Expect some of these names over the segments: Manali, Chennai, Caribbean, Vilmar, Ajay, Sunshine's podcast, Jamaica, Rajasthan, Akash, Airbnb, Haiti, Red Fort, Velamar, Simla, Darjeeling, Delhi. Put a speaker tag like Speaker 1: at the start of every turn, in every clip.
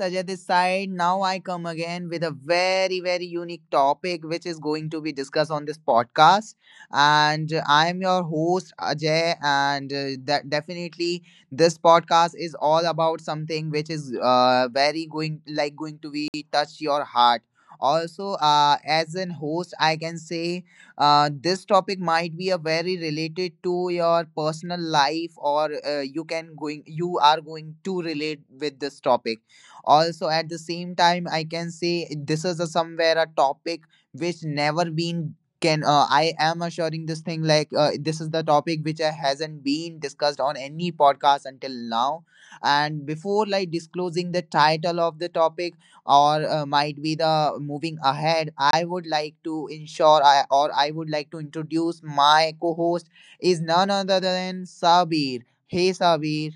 Speaker 1: Ajay this side. Now I come again with a very, very unique topic which is going to be discussed on this podcast. And I am your host, Ajay. And that definitely this podcast is all about something which is very going to be touch your heart. Also, as an host, I can say, this topic might be a very related to your personal life, or you are going to relate with this topic. Also, at the same time, I can say this is a somewhere a topic which never been can I am assuring this thing like, this is the topic which hasn't been discussed on any podcast until now. And before like disclosing the title of the topic or might be the moving ahead, I would like to ensure I, or I would like to introduce my co-host is none other than Sabir. Hey Sabir.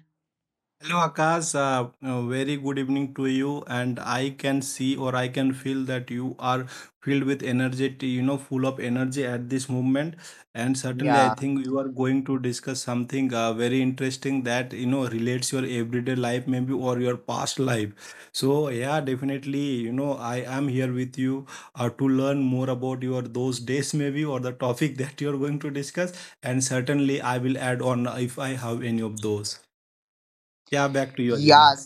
Speaker 2: Hello Akash, very good evening to you. And I can see or I can feel that you are filled with energy, full of energy at this moment. And certainly, I
Speaker 1: Yeah,
Speaker 2: think you are going to discuss something very interesting that, relates your everyday life, maybe, or your past life. So, yeah, definitely, I am here with you to learn more about your those days, maybe, or the topic that you are going to discuss. And certainly, I will add on if I have any of those. Yeah, back to you, Ajay, now.
Speaker 1: yes,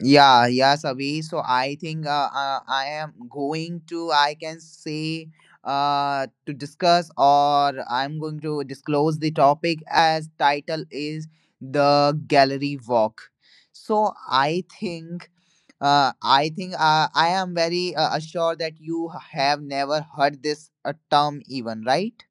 Speaker 1: yeah, yeah, Sabir. So I think, I can say, to discuss, or I'm going to disclose the topic as title is the gallery walk. So I think. I am very, assured that you have never heard this, term even, right?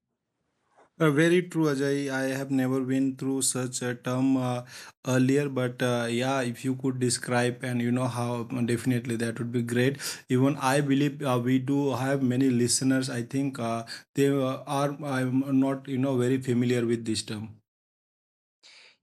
Speaker 2: Very true, Ajay. I have never been through such a term earlier, but yeah, if you could describe and how, definitely that would be great. Even I believe we do have many listeners. I think they are not very familiar with this term.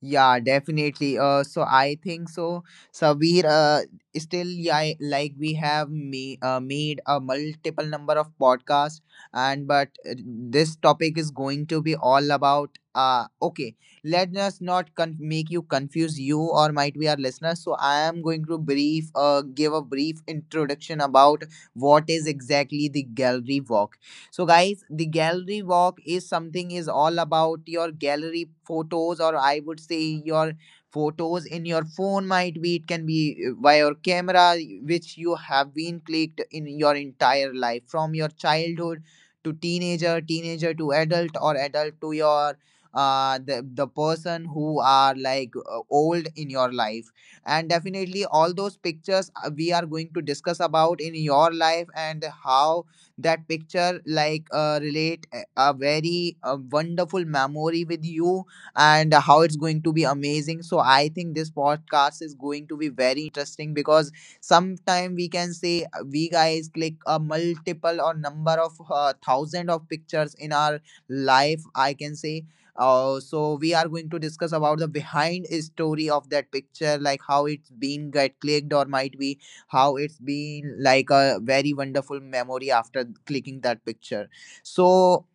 Speaker 1: Yeah, definitely. So I think so, Sabir. Still, yeah, like we have me made a multiple number of podcasts, and but this topic is going to be all about. Okay, let us not make you confuse you or might be our listeners. So I am going to give a brief introduction about what is exactly the gallery walk. So guys, the gallery walk is something is all about your gallery photos, or I would say your photos in your phone, might be it can be via your camera which you have been clicked in your entire life from your childhood to teenager, teenager to adult, or adult to your the person who are like, old in your life. And definitely all those pictures, we are going to discuss about in your life and how that picture like, relate a very, wonderful memory with you and how it's going to be amazing. So I think this podcast is going to be very interesting because sometime we can say, we guys click a multiple or number of, thousand of pictures in our life, I can say, so we are going to discuss about the behind story of that picture, like how it's been get clicked, or might be how it's been like a very wonderful memory after clicking that picture. So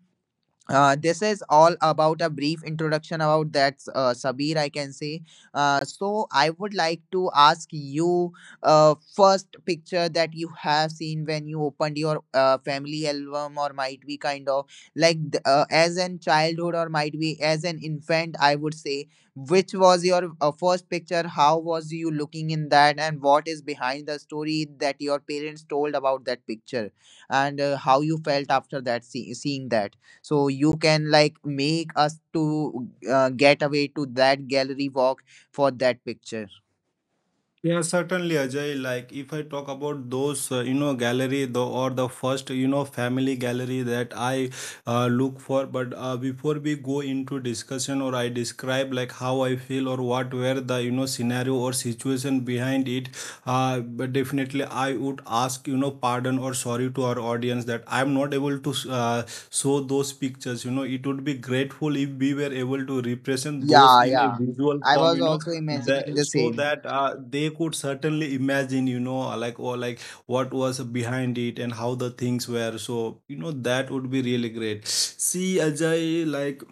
Speaker 1: this is all about a brief introduction about that, Sabir, I can say. So, I would like to ask you, first picture that you have seen when you opened your, family album, or might be kind of like, as in childhood, or might be as an infant, I would say. Which was your, first picture? How was you looking in that, and what is behind the story that your parents told about that picture, and how you felt after that seeing that? So you can like make us to, get away to that gallery walk for that picture.
Speaker 2: Yeah, certainly, Ajay. Like, if I talk about those, gallery or the first, family gallery that I look for. But before we go into discussion or I describe like how I feel or what were the scenario or situation behind it, but definitely I would ask, pardon or sorry to our audience that I'm not able to show those pictures. It would be grateful if we were able to represent those
Speaker 1: Yeah,
Speaker 2: in a
Speaker 1: yeah.
Speaker 2: visual
Speaker 1: I
Speaker 2: form,
Speaker 1: was also imagining
Speaker 2: that
Speaker 1: the
Speaker 2: so
Speaker 1: same.
Speaker 2: that they could certainly imagine like or like what was behind it and how the things were. So, that would be really great. See, Ajay, like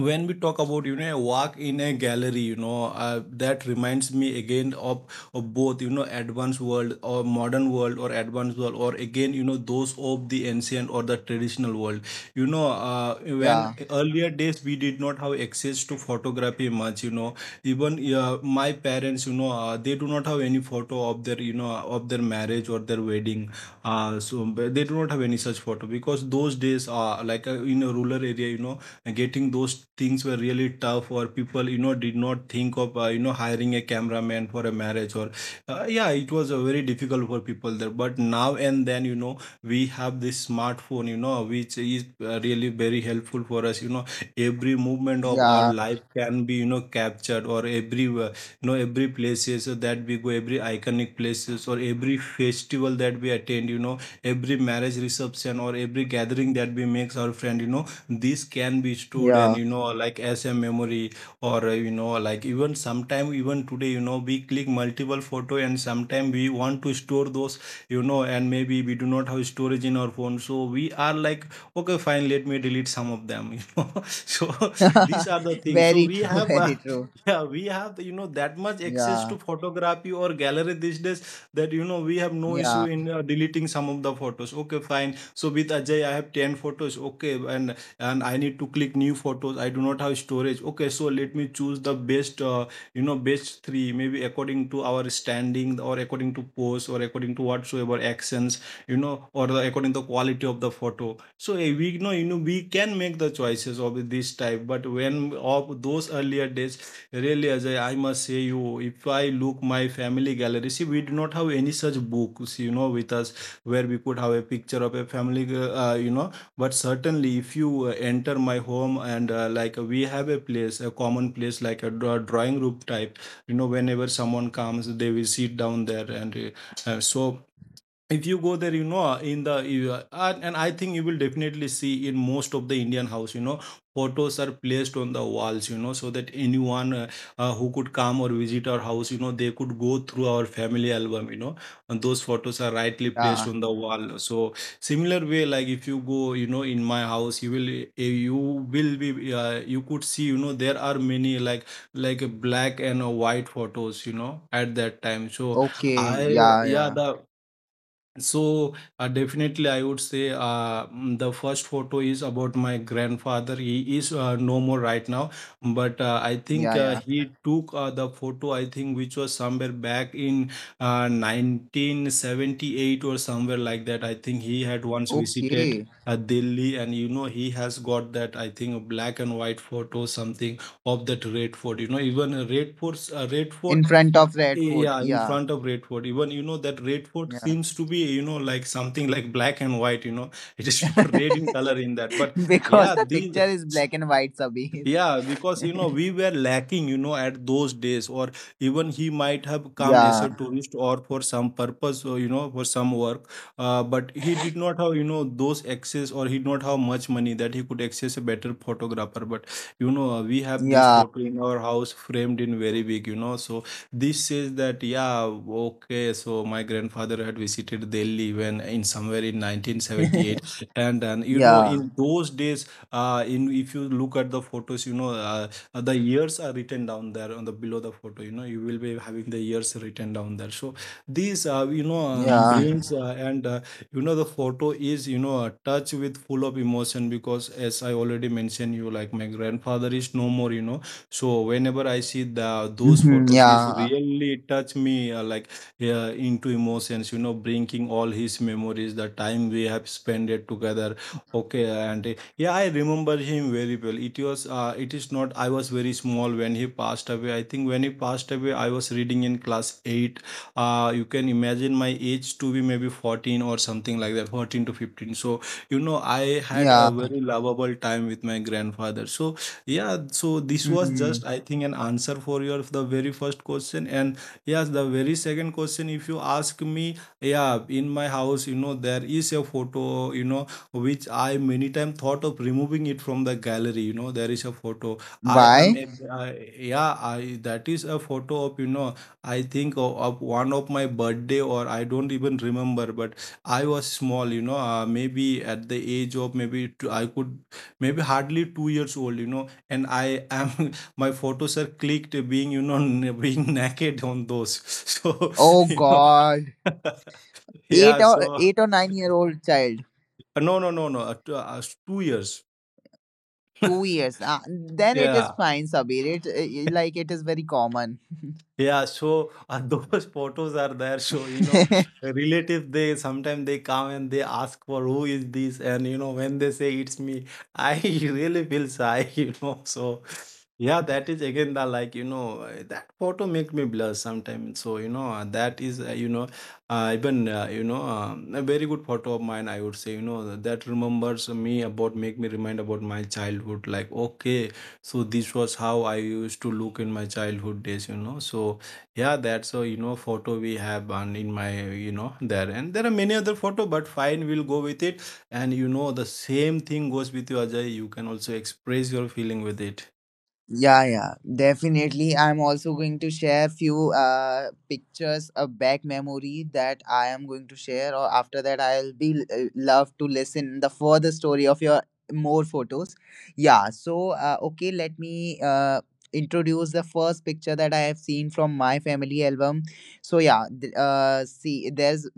Speaker 2: when we talk about a walk in a gallery, that reminds me again of, both advanced world or modern world or advanced world, or again those of the ancient or the traditional world. When
Speaker 1: Yeah,
Speaker 2: earlier days we did not have access to photography much, even my parents, they do not have any photo of their, of their marriage or their wedding, so. But they do not have any such photo because those days, like in a rural area, getting those things were really tough, or people did not think of hiring a cameraman for a marriage or yeah, it was very difficult for people there. But now and then, we have this smartphone, which is really very helpful for us. Every movement of our
Speaker 1: yeah,
Speaker 2: life can be captured, or every every places that we go, every iconic places, or every festival that we attend, every marriage reception, or every gathering that we makes our friend. This can be stored, and
Speaker 1: yeah.
Speaker 2: like as a memory, or like even sometime even today, we click multiple photo, and sometime we want to store those, and maybe we do not have storage in our phone. So we are like, okay fine, let me delete some of them, so these are the things. So
Speaker 1: Very
Speaker 2: we
Speaker 1: true,
Speaker 2: have
Speaker 1: very true.
Speaker 2: yeah, we have that much access
Speaker 1: Yeah,
Speaker 2: to photography or gallery these days, that we have no issue
Speaker 1: yeah,
Speaker 2: in deleting some of the photos. Okay fine, so with Ajay, I have 10 photos, okay? And I need to click new photos, I do not have storage. Okay, so let me choose the best best three, maybe according to our standing, or according to post, or according to whatsoever actions, you know or according to the quality of the photo. So we know, we can make the choices of this type. But when of those earlier days, really, as I must say, you, if I look my family gallery, see, we do not have any such books, with us, where we could have a picture of a family, but certainly if you enter my home, and like, we have a place, a common place like a drawing room type, whenever someone comes they will sit down there, and so if you go there, in the and I think you will definitely see in most of the Indian house, photos are placed on the walls, so that anyone who could come or visit our house, they could go through our family album, and those photos are rightly
Speaker 1: yeah.
Speaker 2: placed on the wall. So similar way, like if you go, in my house, you will be you could see, there are many like black and white photos, at that time. So
Speaker 1: Okay.
Speaker 2: I
Speaker 1: Yeah,
Speaker 2: yeah,
Speaker 1: yeah,
Speaker 2: the, so definitely, I would say the first photo is about my grandfather. He is no more right now, but I
Speaker 1: yeah,
Speaker 2: think
Speaker 1: yeah.
Speaker 2: he took the photo. I think which was somewhere back in 1978 or somewhere like that. I think he had once visited
Speaker 1: Okay.
Speaker 2: Delhi, and he has got that, I think, a black and white photo, something of that Red Fort. Even a Red Fort, Red
Speaker 1: In
Speaker 2: Fort,
Speaker 1: front
Speaker 2: uh,
Speaker 1: of Red Fort.
Speaker 2: yeah, in
Speaker 1: Yeah,
Speaker 2: front of Red Fort. Even that Red Fort
Speaker 1: yeah.
Speaker 2: seems to be like something like black and white. You know, it is not red in color in that. But
Speaker 1: Because
Speaker 2: yeah,
Speaker 1: the picture
Speaker 2: these
Speaker 1: is black and white, Sabir.
Speaker 2: Yeah, because we were lacking, at those days, or even he might have come as
Speaker 1: Yeah,
Speaker 2: a tourist, or for some purpose, or for some work. But he did not have, those access, or he did not have much money that he could access a better photographer. But you know, we have this
Speaker 1: yeah.
Speaker 2: photo in our house, framed in very big, you know. So this says that, yeah, okay. So my grandfather had visited Delhi when in somewhere in 1978. And
Speaker 1: Yeah,
Speaker 2: in those days in, if you look at the photos, the years are written down there, on the below the photo, you will be having the years written down there. So these,
Speaker 1: yeah.
Speaker 2: brings, and the photo is, a touch with full of emotion, because as I already mentioned you, like my grandfather is no more, so whenever I see the those
Speaker 1: Hmm.
Speaker 2: photos, is
Speaker 1: Yeah.
Speaker 2: really touch me like into emotions, bringing all his memories, the time we have spent it together. Okay, and yeah, I remember him very well. It was, it is not, I was very small when he passed away. I think when he passed away, I was reading in class 8. You can imagine my age to be maybe 14 or something like that, 14 to 15. So, I had a
Speaker 1: Yeah.
Speaker 2: very lovable time with my grandfather. So yeah, so this was
Speaker 1: Hmm.
Speaker 2: just, I think, an answer for your the very first question. And yes, the very second question, if you ask me, yeah, in my house, there is a photo, which I many time thought of removing it from the gallery. There is a photo. I am,
Speaker 1: Why?
Speaker 2: a, I, yeah, I, that is a photo of, I think of, one of my birthday, or I don't even remember. But I was small, maybe at the age of maybe two, I could maybe hardly 2 years old, you know. And I am my photos are clicked being being naked on those. So
Speaker 1: Oh
Speaker 2: you know,
Speaker 1: God. Eight
Speaker 2: yeah.
Speaker 1: or
Speaker 2: So.
Speaker 1: eight or nine-year-old child.
Speaker 2: No, no, no, no. Two, 2 years.
Speaker 1: 2 years. Then it is
Speaker 2: Yeah.
Speaker 1: fine, Sabir. It like it is very common.
Speaker 2: Yeah, so those photos are there. So, relative, they sometimes they come and they ask for who is this, and when they say it's me, I really feel shy, you know. So yeah, that is again the, like, that photo make me blush sometimes. So, that is, even, a very good photo of mine, I would say, that remembers me about, make me remind about my childhood. Like, okay, so this was how I used to look in my childhood days, you know. So yeah, that's a photo we have on in my there, and there are many other photo, but fine, we'll go with it. And the same thing goes with you, Ajay. You can also express your feeling with it.
Speaker 1: Yeah, yeah, definitely. I'm also going to share few pictures of back memory that I am going to share, or after that, I'll be, love to listen the further story of your more photos. Yeah, so okay, let me introduce the first picture that I have seen from my family album. So yeah, see, there's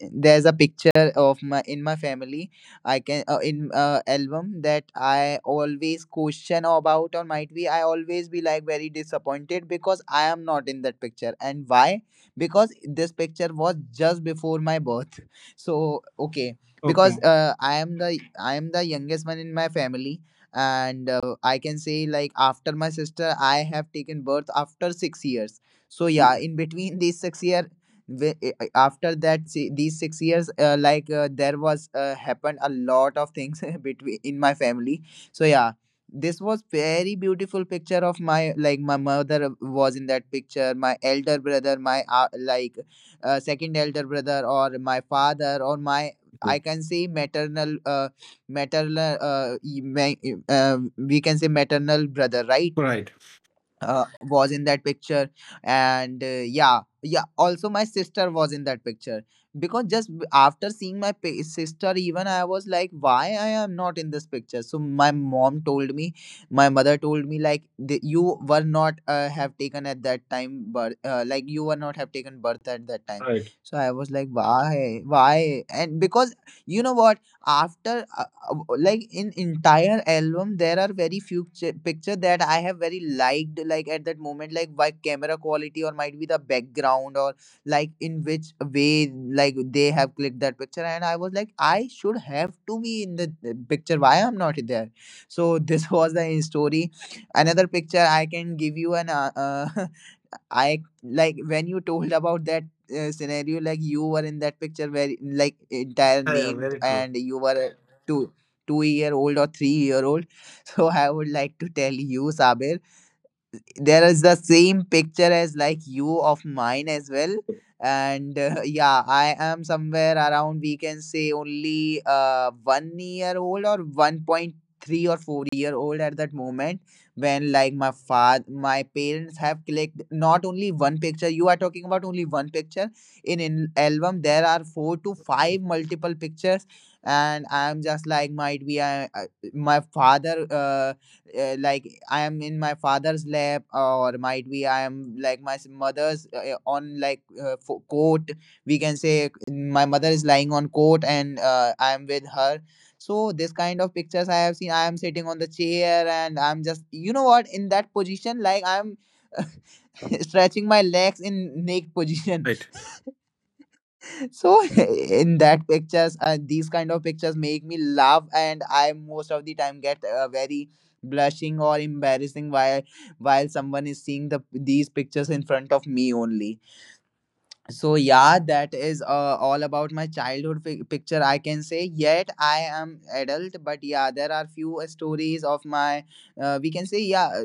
Speaker 1: there's a picture of my in my family, I can, in, album, that I always question about, or might be I always be like very disappointed because I am not in that picture. And why? Because this picture was just before my birth. So okay,
Speaker 2: Okay.
Speaker 1: because I am the youngest one in my family, and I can say like after my sister I have taken birth after 6 years. So yeah, in between these 6 years, after that see, these 6 years, like, there was, happened a lot of things between in my family. So yeah, this was very beautiful picture of my, like my mother was in that picture, my elder brother, my, like, second elder brother, or my father, or my, I can say maternal, we can say maternal brother, right,
Speaker 2: Right.
Speaker 1: was in that picture. And yeah, yeah, also my sister was in that picture, because just after seeing my sister even, I was like why I am not in this picture. So my mother told me like, you were not, have taken at that time birth, like you were not have taken birth at that time.
Speaker 2: Right.
Speaker 1: So I was like why. And because you know what, after, like in entire album there are very few picture that I have very liked, like at that moment, like by camera quality or might be the background or like in which way like they have clicked that picture, and I was like I should have to be in the picture, why I'm not there. So this was the story. Another picture I can give you an, I like when you told about that, scenario, like you were in that picture where like entire
Speaker 2: Yeah, yeah,
Speaker 1: naked
Speaker 2: very true.
Speaker 1: and you were a two two year old or 3 year old so I would like to tell you, Sabir, there is the same picture as like you of mine as well. And yeah, I am somewhere around, we can say only, 1 year old or 1.3 or 4-year-old at that moment, when like my parents have clicked not only one picture. You are talking about only one picture. In an album there are four to five multiple pictures, and I'm just like, might be, my father, like I am in my father's lap, or might be I am like my mother's, on like, coat. We can say my mother is lying on coat, and I am with her. So this kind of pictures I have seen. I am sitting on the chair, and I'm just, you know what, in that position, like I'm stretching my legs in naked position.
Speaker 2: Right.
Speaker 1: So in that pictures, these kind of pictures make me laugh, and I most of the time get, very blushing or embarrassing while someone is seeing these pictures in front of me only. So yeah, that is, all about my childhood picture, I can say. Yet I am adult, but yeah, there are few, stories of my. We can say, yeah,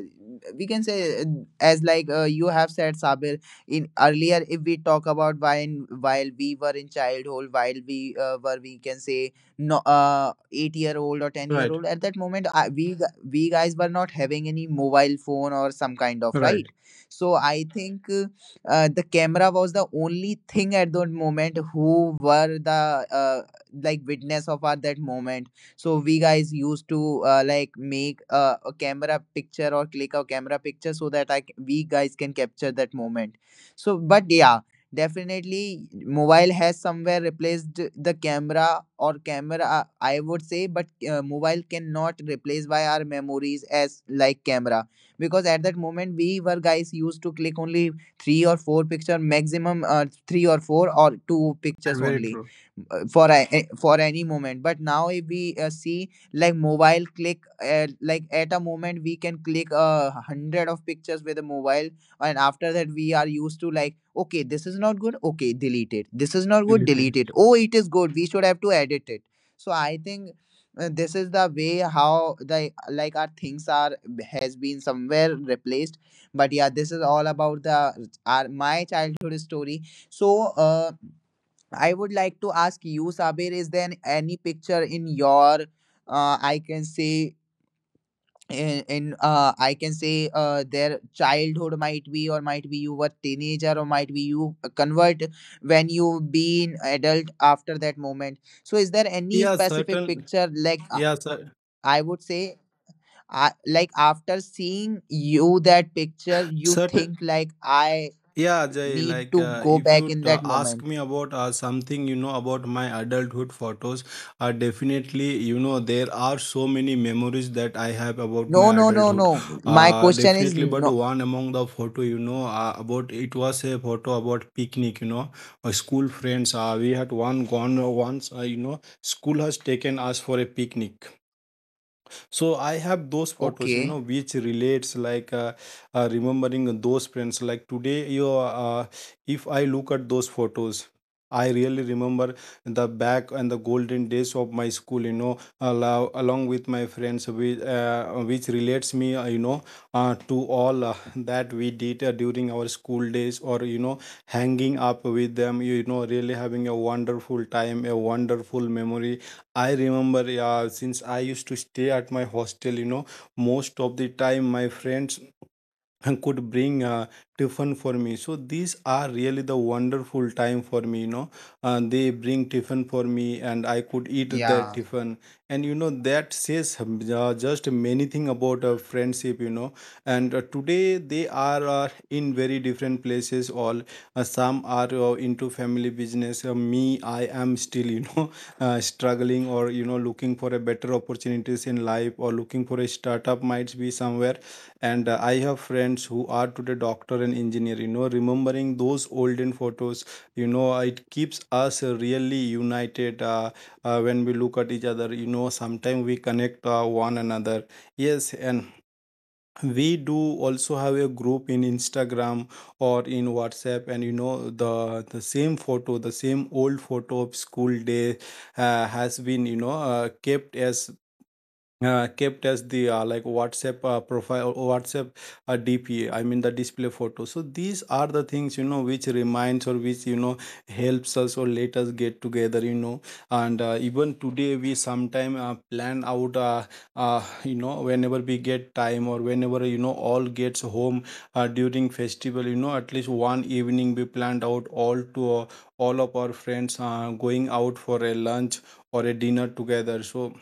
Speaker 1: we can say, as like, you have said, Sabir, in earlier. If we talk about when while we were in childhood, while we, were, we can say no, 8 year old or 10 year
Speaker 2: Right.
Speaker 1: old at that moment, we guys were not having any mobile phone or some kind of, right?
Speaker 2: Right.
Speaker 1: So I think. The camera was the only thing at that moment who were the like witness of our that moment, so we guys used to like make a camera picture or click a camera picture so that we guys can capture that moment. So but yeah, definitely mobile has somewhere replaced the camera or camera, I would say. But mobile cannot replace by our memories as like camera, because at that moment we were guys used to click only three or four picture maximum, three or four or two
Speaker 2: And
Speaker 1: pictures
Speaker 2: very
Speaker 1: only
Speaker 2: true.
Speaker 1: for a, for any moment. But now if we see like mobile click, like at a moment we can click 100 of pictures with a mobile, and after that we are used to like, okay, this is not good, okay, delete it, this is not good,
Speaker 2: Really true.
Speaker 1: delete it, oh, it is good, we should have to edit it. So I think this is the way how the like our things are has been somewhere replaced. But yeah, this is all about the our, my childhood story. So uh, I would like to ask you, Sabir, is there any picture in your I can say in I can say their childhood, might be, or might be you were teenager, or might be you convert when you been adult after that moment? So is there any
Speaker 2: Yeah.
Speaker 1: specific
Speaker 2: Certain.
Speaker 1: picture like
Speaker 2: Yeah.
Speaker 1: I would say I, like after seeing you that picture, you
Speaker 2: Certain.
Speaker 1: think like I
Speaker 2: Yeah, Jay,
Speaker 1: need
Speaker 2: like
Speaker 1: to go
Speaker 2: if
Speaker 1: back
Speaker 2: you
Speaker 1: in that
Speaker 2: ask
Speaker 1: moment.
Speaker 2: me about something, you know, about my adulthood photos, definitely, you know, there are so many memories that I have about my
Speaker 1: No, no, no,
Speaker 2: adulthood.
Speaker 1: no. My question is
Speaker 2: Definitely, but
Speaker 1: no.
Speaker 2: one among the photo, about it was a photo about picnic, school friends. We had one gone once, you know, school has taken us for a picnic, so I have those photos, you
Speaker 1: Okay.
Speaker 2: know, which relates like remembering those friends. Like today, you if I look at those photos, I really remember the back and the golden days of my school, you know, along with my friends, which relates me, to all that we did during our school days, or you know, hanging up with them, you know, really having a wonderful time, a wonderful memory I remember. Yeah, since I used to stay at my hostel, you know, most of the time my friends and could bring tiffin for me. So these are really the wonderful time for me, you know, they bring tiffin for me and I could eat their
Speaker 1: Yeah.
Speaker 2: tiffin, and you know that says just many thing about friendship, you know. And today they are in very different places, all some are into family business. Me, I am still you know struggling, or you know, looking for a better opportunities in life, or looking for a startup might be somewhere. And I have friends who are today doctor and engineer, you know. Remembering those olden photos, you know, it keeps us really united when we look at each other, you know. Sometimes we connect one another. Yes, and we do also have a group in Instagram or in WhatsApp, and you know, the same photo, the same old photo of school day has been, kept as, kept as the like WhatsApp profile, or WhatsApp DPA. I mean the display photo. So these are the things, you know, which reminds or which, you know, helps us or let us get together. You know, and even today we sometime plan out. You know, whenever we get time, or whenever you know all gets home during festival. You know, at least one evening we planned out all to all of our friends going out for a lunch or a dinner together. So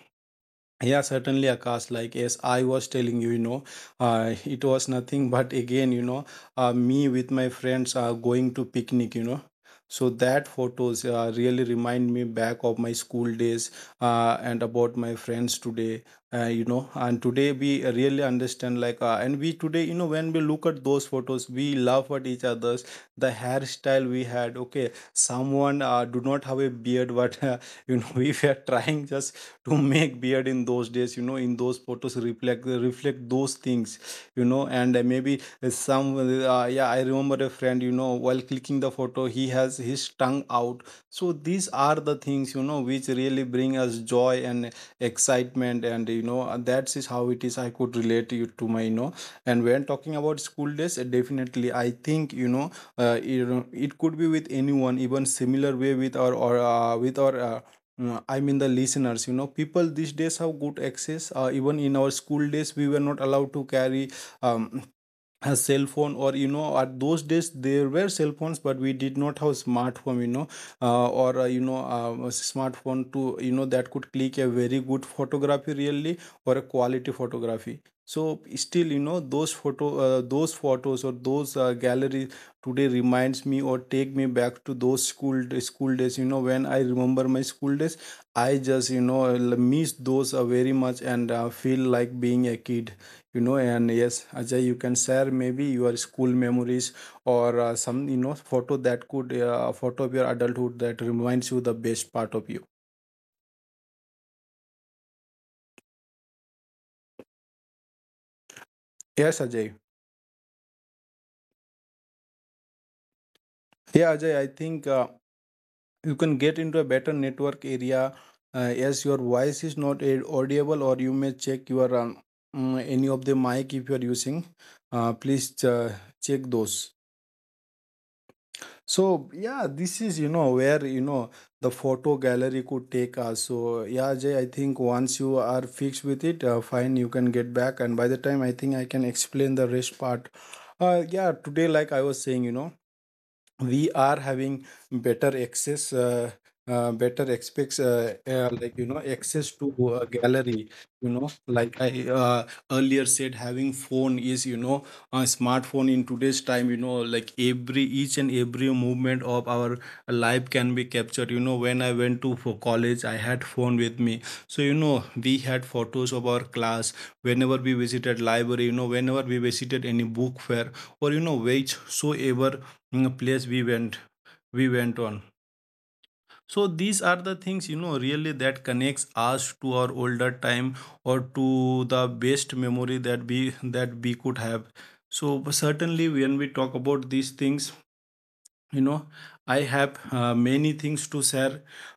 Speaker 2: yeah, certainly, Akash. Like, yes, I was telling you, you know, it was nothing but again, you know, me with my friends are going to picnic, you know. So that photos really remind me back of my school days and about my friends today, you know. And today we really understand, like, and we today, you know, when we look at those photos, we laugh at each other's. The hairstyle we had, okay, someone do not have a beard, but you know, we were trying just to make beard in those days, you know. In those photos reflect those things, you know. And maybe some yeah, I remember a friend, you know, while clicking the photo he has his tongue out. So these are the things, you know, which really bring us joy and excitement, and you know, that is how it is. I could relate you to my, you know, and when talking about school days, definitely I think, you know, you know, it could be with anyone, even similar way with our or with our Mm, I mean the listeners, you know. People these days have good access. Even in our school days, we were not allowed to carry um, a cell phone, or you know, at those days there were cell phones but we did not have smartphone, you know, a smartphone to you know that could click a very good photography really, or a quality photography. So still, you know, those photos or those galleries today reminds me, or take me back to those school days, you know. When I remember my school days, I just, you know, miss those very much, and feel like being a kid, you know. And yes, Ajay, you can share maybe your school memories, or some you know photo that could photo of your adulthood that reminds you the best part of you. Yes, Ajay. Yeah, Ajay, I think you can get into a better network area. Yes, your voice is not audible, or you may check your any of the mic, if you are using, please check those. So yeah, this is you know where you know the photo gallery could take us. So yeah, Jay, I think once you are fixed with it, fine, you can get back. And by the time I think I can explain the rest part. Yeah, today, like I was saying, you know, we are having better access better expects like you know access to a gallery, you know. Like I earlier said, having phone is you know a smartphone in today's time, you know, like every each and every movement of our life can be captured, you know. When I went to for college I had phone with me, so you know we had photos of our class, whenever we visited library, you know, whenever we visited any book fair, or you know, which soever place we went, we went on so these are the things, you know, really that connects us to our older time, or to the best memory that we could have. So certainly when we talk about these things, you know, I have many things to share,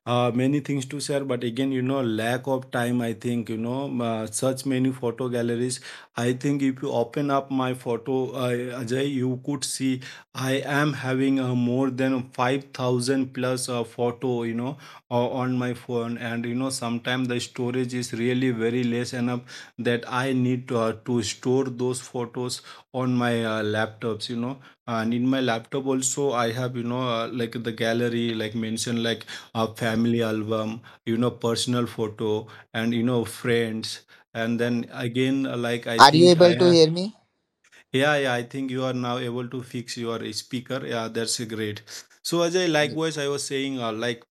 Speaker 2: many things to share, but again, you know, lack of time. I think, you know, such many photo galleries, I think if you open up my photo, Ajay, you could see I am having more than 5,000 plus photo, you know, on my phone. And you know, sometimes the storage is really very less enough that I need to store those photos on my laptops, you know. And in my laptop also I have, you know, like the gallery, like mentioned like a family album, you know, personal photo, and you know, friends. And then again, like I
Speaker 1: Are you
Speaker 2: think I
Speaker 1: able to
Speaker 2: have,
Speaker 1: hear me?
Speaker 2: yeah, yeah, I think you are now able to fix your speaker. Yeah, that's great. So as I,
Speaker 1: Y-
Speaker 2: likewise I was saying, like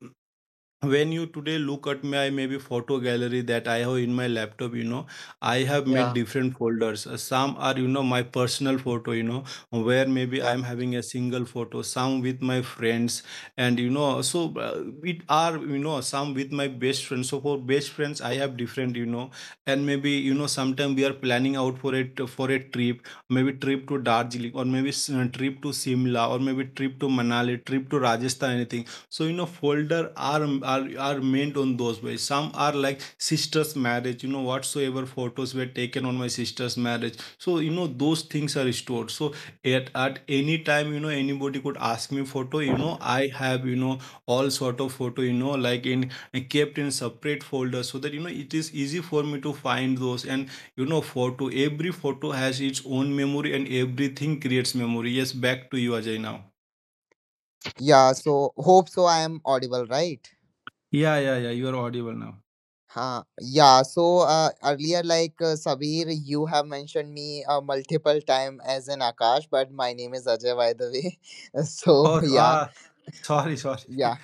Speaker 2: when you today look at my maybe photo gallery that I have in my laptop, you know, I have made
Speaker 1: Yeah.
Speaker 2: different folders. Some are, you know, my personal photo, you know, where maybe
Speaker 1: Yeah.
Speaker 2: I'm having a single photo, some with my friends, and you know, so it are, you know, some with my best friends. So for best friends I have different, you know. And maybe, you know, sometime we are planning out for it, for a trip, maybe trip to Darjeeling, or maybe trip to Simla, or maybe trip to Manali, trip to Rajasthan, anything. So you know, folder are meant on those ways. Some are like sister's marriage, you know, whatsoever photos were taken on my sister's marriage, so you know those things are stored. So at any time, you know, anybody could ask me photo, you know, I have, you know, all sort of photo, you know, like in kept in separate folder, so that you know it is easy for me to find those. And you know, photo every photo has its own memory, and everything creates memory. Yes, back to you, Ajay, now.
Speaker 1: Yeah. So hope so. I am audible, right?
Speaker 2: Yeah, yeah, yeah. You are audible now.
Speaker 1: Huh. Yeah. So earlier, like Sabir, you have mentioned me multiple time as an Akash, but my name is Ajay, by the way. So
Speaker 2: Oh,
Speaker 1: yeah,
Speaker 2: ah, sorry, sorry.
Speaker 1: yeah.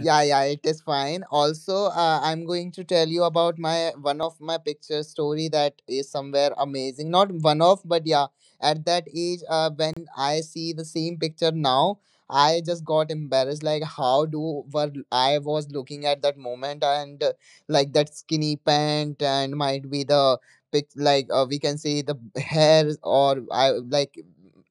Speaker 1: Yeah, yeah, it is fine. Also, I'm going to tell you about my one of my picture story that is somewhere amazing. Not one of, but yeah, at that age, when I see the same picture now, I just got embarrassed. Like, how do what I was looking at that moment, and like that skinny pant, and might be the pic, like we can say the hair, or I like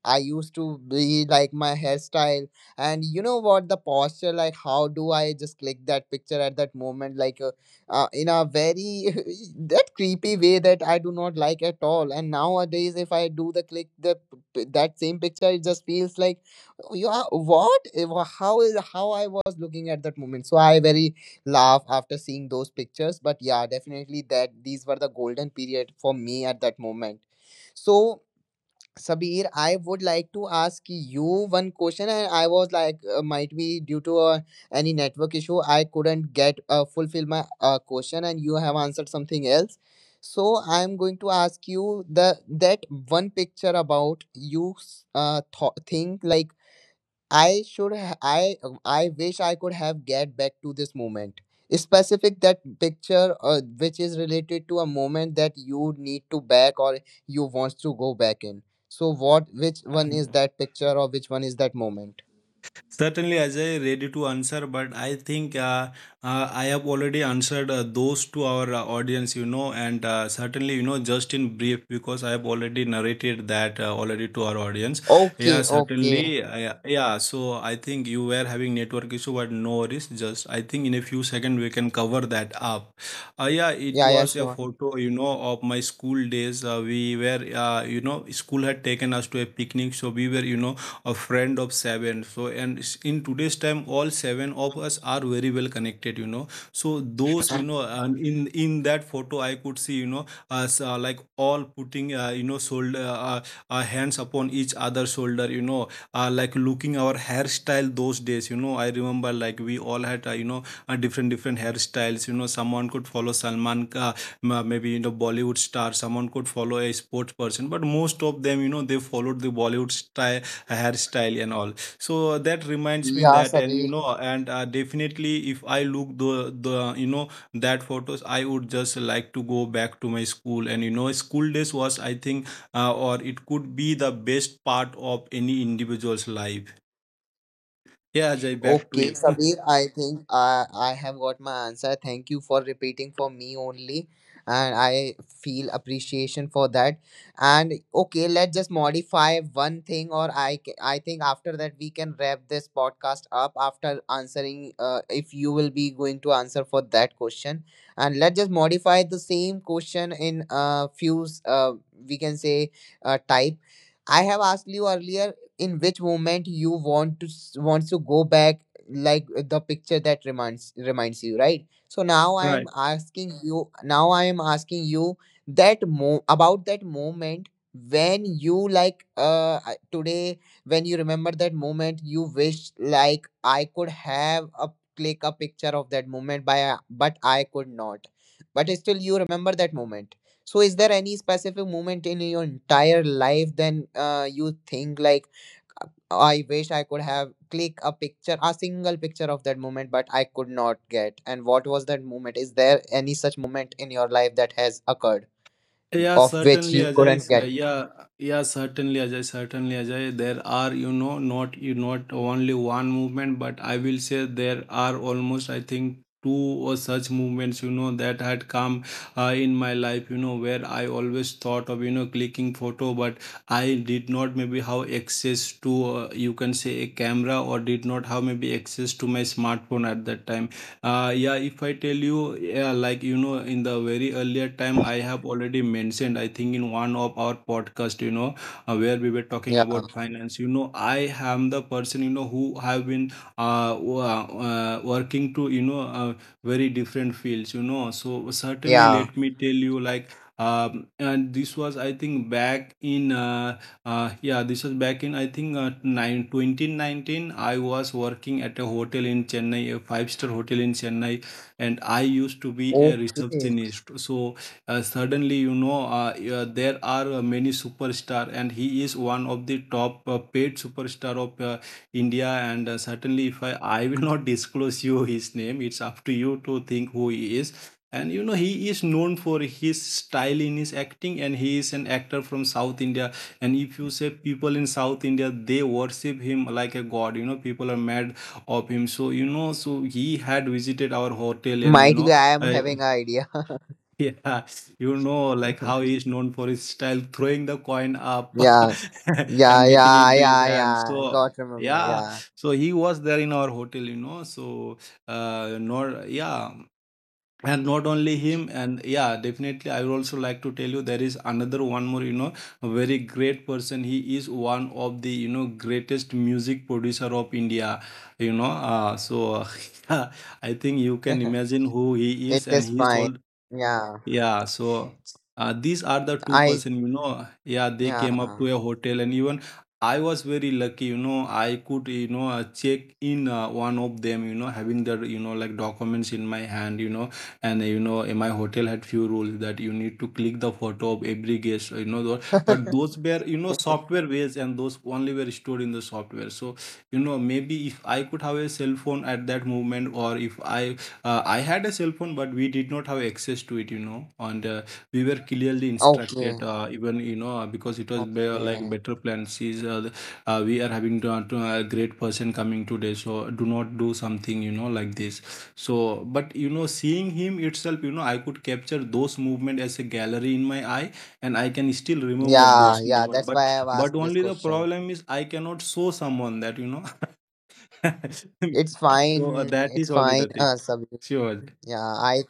Speaker 1: I used to be like my hairstyle. And you know what, the posture, like how do I just click that picture at that moment, like in a very that creepy way that I do not like at all. And nowadays if I do the click that same picture, it just feels like, "Oh, you are what? Eh, how is how I was looking at that moment?" So I very laugh after seeing those pictures. But yeah, definitely that these were the golden period for me at that moment. So Sabir, I would like to ask you one question. And I was like, might be due to any network issue, I couldn't get fulfill my question, and you have answered something else. So I'm going to ask you the that one picture about you think like I should I wish I could have get back to this moment. Specific that picture which is related to a moment that you need to back or you want to go back in. So what which one is that picture, or which one is that moment?
Speaker 2: Certainly, Ajay, ready to answer, but I think I have already answered those to our audience, you know, and certainly, you know, just in brief, because I have already narrated that already to our audience.
Speaker 1: Okay,
Speaker 2: Yeah,
Speaker 1: okay.
Speaker 2: certainly. Yeah, yeah, so I think you were having network issue, but no worries. Just I think in a few seconds we can cover that up. Yeah, it
Speaker 1: Yeah, yeah,
Speaker 2: was a
Speaker 1: sure.
Speaker 2: photo, you know, of my school days. We were, school had taken us to a picnic, so we were, a friend of seven. So, in today's time, all seven of us are very well connected. So those, you know, and in that photo, I could see, us, like, all putting, shoulder, hands upon each other's shoulder, like, looking our hairstyle those days. I remember, like, we all had, different hairstyles. Someone could follow Salman maybe, Bollywood star. Someone could follow a sports person, but most of them, they followed the Bollywood style hairstyle and all. So, that reminds me
Speaker 1: Yeah,
Speaker 2: that. and you
Speaker 1: Sabir.
Speaker 2: know and uh, definitely, if I look the that photos, I would just like to go back to my school and school days was, I think, or it could be, the best part of any individual's life. Yeah, Jay, back to
Speaker 1: Okay,
Speaker 2: you.
Speaker 1: Sabir, I think I have got my answer. Thank you for repeating for me only. And I feel appreciation for that. And okay, let's just modify one thing, or I think after that we can wrap this podcast up after answering. If you will be going to answer for that question, and let's just modify the same question in a few, we can say, type. I have asked you earlier in which moment you want to wants to go back, like the picture that reminds you, right? So now I am
Speaker 2: Right.
Speaker 1: asking. Mm. You now I am asking you that about that moment when you like today, when you remember that moment, you wish like I could have a click a picture of that moment by but I could not, but still you remember that moment. So is there any specific moment in your entire life then you think like I wish I could have click a picture, a single picture of that moment, but I could not get. And what was that moment? Is there any such moment in your life that has occurred
Speaker 2: Yeah,
Speaker 1: of which
Speaker 2: certainly,
Speaker 1: you
Speaker 2: Ajay.
Speaker 1: couldn't get?
Speaker 2: Yeah, yeah, certainly, Ajay. Certainly, Ajay. There are, not only one movement, but I will say there are almost, I think, two or such movements, that had come in my life, where I always thought of, clicking photo, but I did not maybe have access to, you can say, a camera, or did not have maybe access to my smartphone at that time. Yeah, if I tell you, yeah, like, in the very earlier time, I have already mentioned, I think, in one of our podcast, where we were talking
Speaker 1: Yeah,
Speaker 2: about finance, I am the person, who have been working to, very different fields. So certainly,
Speaker 1: yeah.
Speaker 2: let me tell you, like, and this was, I think, back in I think, 2019. I was working at a hotel in Chennai, a five-star hotel in Chennai, and I used to be a
Speaker 1: Okay.
Speaker 2: receptionist. So, suddenly, yeah, there are many superstar, and he is one of the top paid superstar of India. And certainly, if I will not disclose you his name. It's up to you to think who he is. And he is known for his style in his acting, and he is an actor from South India. And if you say, people in South India, they worship him like a god. People are mad of him. So he had visited our hotel. and you
Speaker 1: Might
Speaker 2: know
Speaker 1: be I am
Speaker 2: uh,
Speaker 1: having an idea.
Speaker 2: yeah, like, how he is known for his style, throwing the coin up
Speaker 1: Yeah, yeah,
Speaker 2: and getting
Speaker 1: yeah,
Speaker 2: into his
Speaker 1: yeah,
Speaker 2: hand.
Speaker 1: yeah.
Speaker 2: so
Speaker 1: Got remember.
Speaker 2: yeah
Speaker 1: Yeah,
Speaker 2: so he was there in our hotel. So, nor yeah and not only him. And yeah, definitely, I would also like to tell you, there is another one more, very great person. He is one of the, greatest music producer of India. So, I think you can imagine who he
Speaker 1: it
Speaker 2: is. And
Speaker 1: is
Speaker 2: he is
Speaker 1: fine.
Speaker 2: all.
Speaker 1: Yeah,
Speaker 2: Yeah. So, these are the two
Speaker 1: I
Speaker 2: person, Yeah, they came up
Speaker 1: yeah.
Speaker 2: to a hotel, and even I was very lucky. I could, check in, one of them, having their, like, documents in my hand, and in my hotel had few rules that you need to click the photo of every guest. But those were, software based, and those only were stored in the software. So, maybe if I could have a cell phone at that moment, or if I had a cell phone, but we did not have access to it. And we were clearly
Speaker 1: Okay,
Speaker 2: instructed, even, because it was like,
Speaker 1: okay.
Speaker 2: better plans is, we are having to, a great person coming today. So do not do something, like this. So, but seeing him itself, I could capture those movement as a gallery in my eye, and I can still remember
Speaker 1: Yeah,
Speaker 2: those
Speaker 1: yeah,
Speaker 2: moment.
Speaker 1: that's why
Speaker 2: But
Speaker 1: I have
Speaker 2: but
Speaker 1: asked this
Speaker 2: only the
Speaker 1: question.
Speaker 2: problem is I cannot show someone that. That
Speaker 1: It's
Speaker 2: is only
Speaker 1: fine,
Speaker 2: the thing.
Speaker 1: Sabir.
Speaker 2: Sure.
Speaker 1: Yeah, I.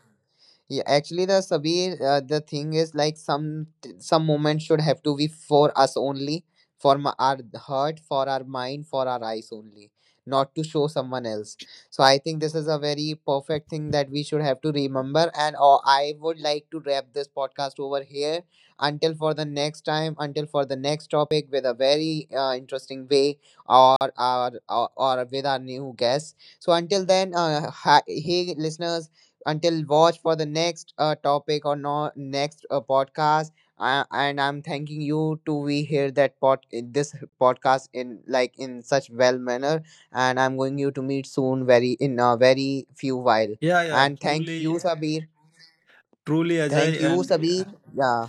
Speaker 1: Yeah, actually, the Sabir, the thing is like some moments should have to be for us only, for my, our heart, for our mind, for our eyes only, not to show someone else. So I think this is a very perfect thing that we should have to remember. And I would like to wrap this podcast over here until for the next time, until for the next topic with a very interesting way or our or with our new guest. So until then, hi, hey listeners, until watch for the next topic or no next podcast I, and I'm thanking you to be here that pod this podcast in like in such well manner, and I'm going you to meet soon very in a very few while.
Speaker 2: Yeah, yeah,
Speaker 1: And thank
Speaker 2: truly,
Speaker 1: you Sabir,
Speaker 2: truly,
Speaker 1: thank
Speaker 2: Ajay,
Speaker 1: you
Speaker 2: and
Speaker 1: Sabir.
Speaker 2: yeah,
Speaker 1: Yeah,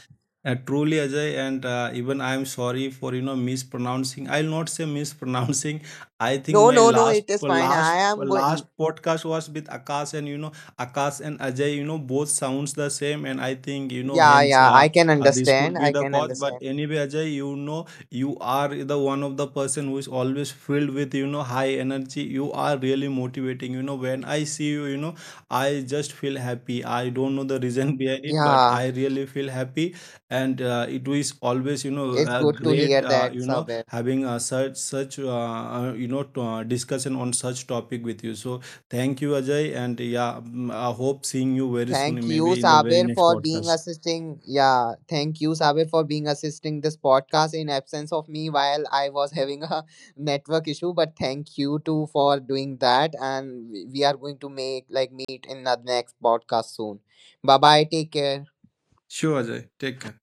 Speaker 2: truly, Ajay, and even I am sorry for mispronouncing. I'll not say mispronouncing. I think
Speaker 1: no,
Speaker 2: my
Speaker 1: no, no, it is fine. I
Speaker 2: last
Speaker 1: am going,
Speaker 2: last podcast was with Akash, and you know Akash and Ajay, you know both sounds the same, and I think, you know,
Speaker 1: yeah,
Speaker 2: hence
Speaker 1: yeah, I can
Speaker 2: this could
Speaker 1: understand,
Speaker 2: be
Speaker 1: I
Speaker 2: the
Speaker 1: can
Speaker 2: cause. But
Speaker 1: understand.
Speaker 2: anyway, Ajay, you know you are the one of the person who is always filled with, high energy. You are really motivating. You know when I see you, you know I just feel happy. I don't know the reason behind it, but
Speaker 1: Yeah,
Speaker 2: I really feel happy. And it is always,
Speaker 1: it's good to
Speaker 2: great,
Speaker 1: hear that Sabir.
Speaker 2: having, such discussion on such topic with you. So, thank you, Ajay. And yeah, I hope seeing you very
Speaker 1: Thank
Speaker 2: soon,
Speaker 1: you,
Speaker 2: maybe in the very
Speaker 1: Sabir,
Speaker 2: next
Speaker 1: for being
Speaker 2: podcast.
Speaker 1: assisting. Yeah, thank you, Sabir, for being assisting this podcast in absence of me while I was having a network issue. But thank you too for doing that, and we are going to make like meet in the next podcast soon. Bye bye. Take care.
Speaker 2: Sure, Ajay. Take care.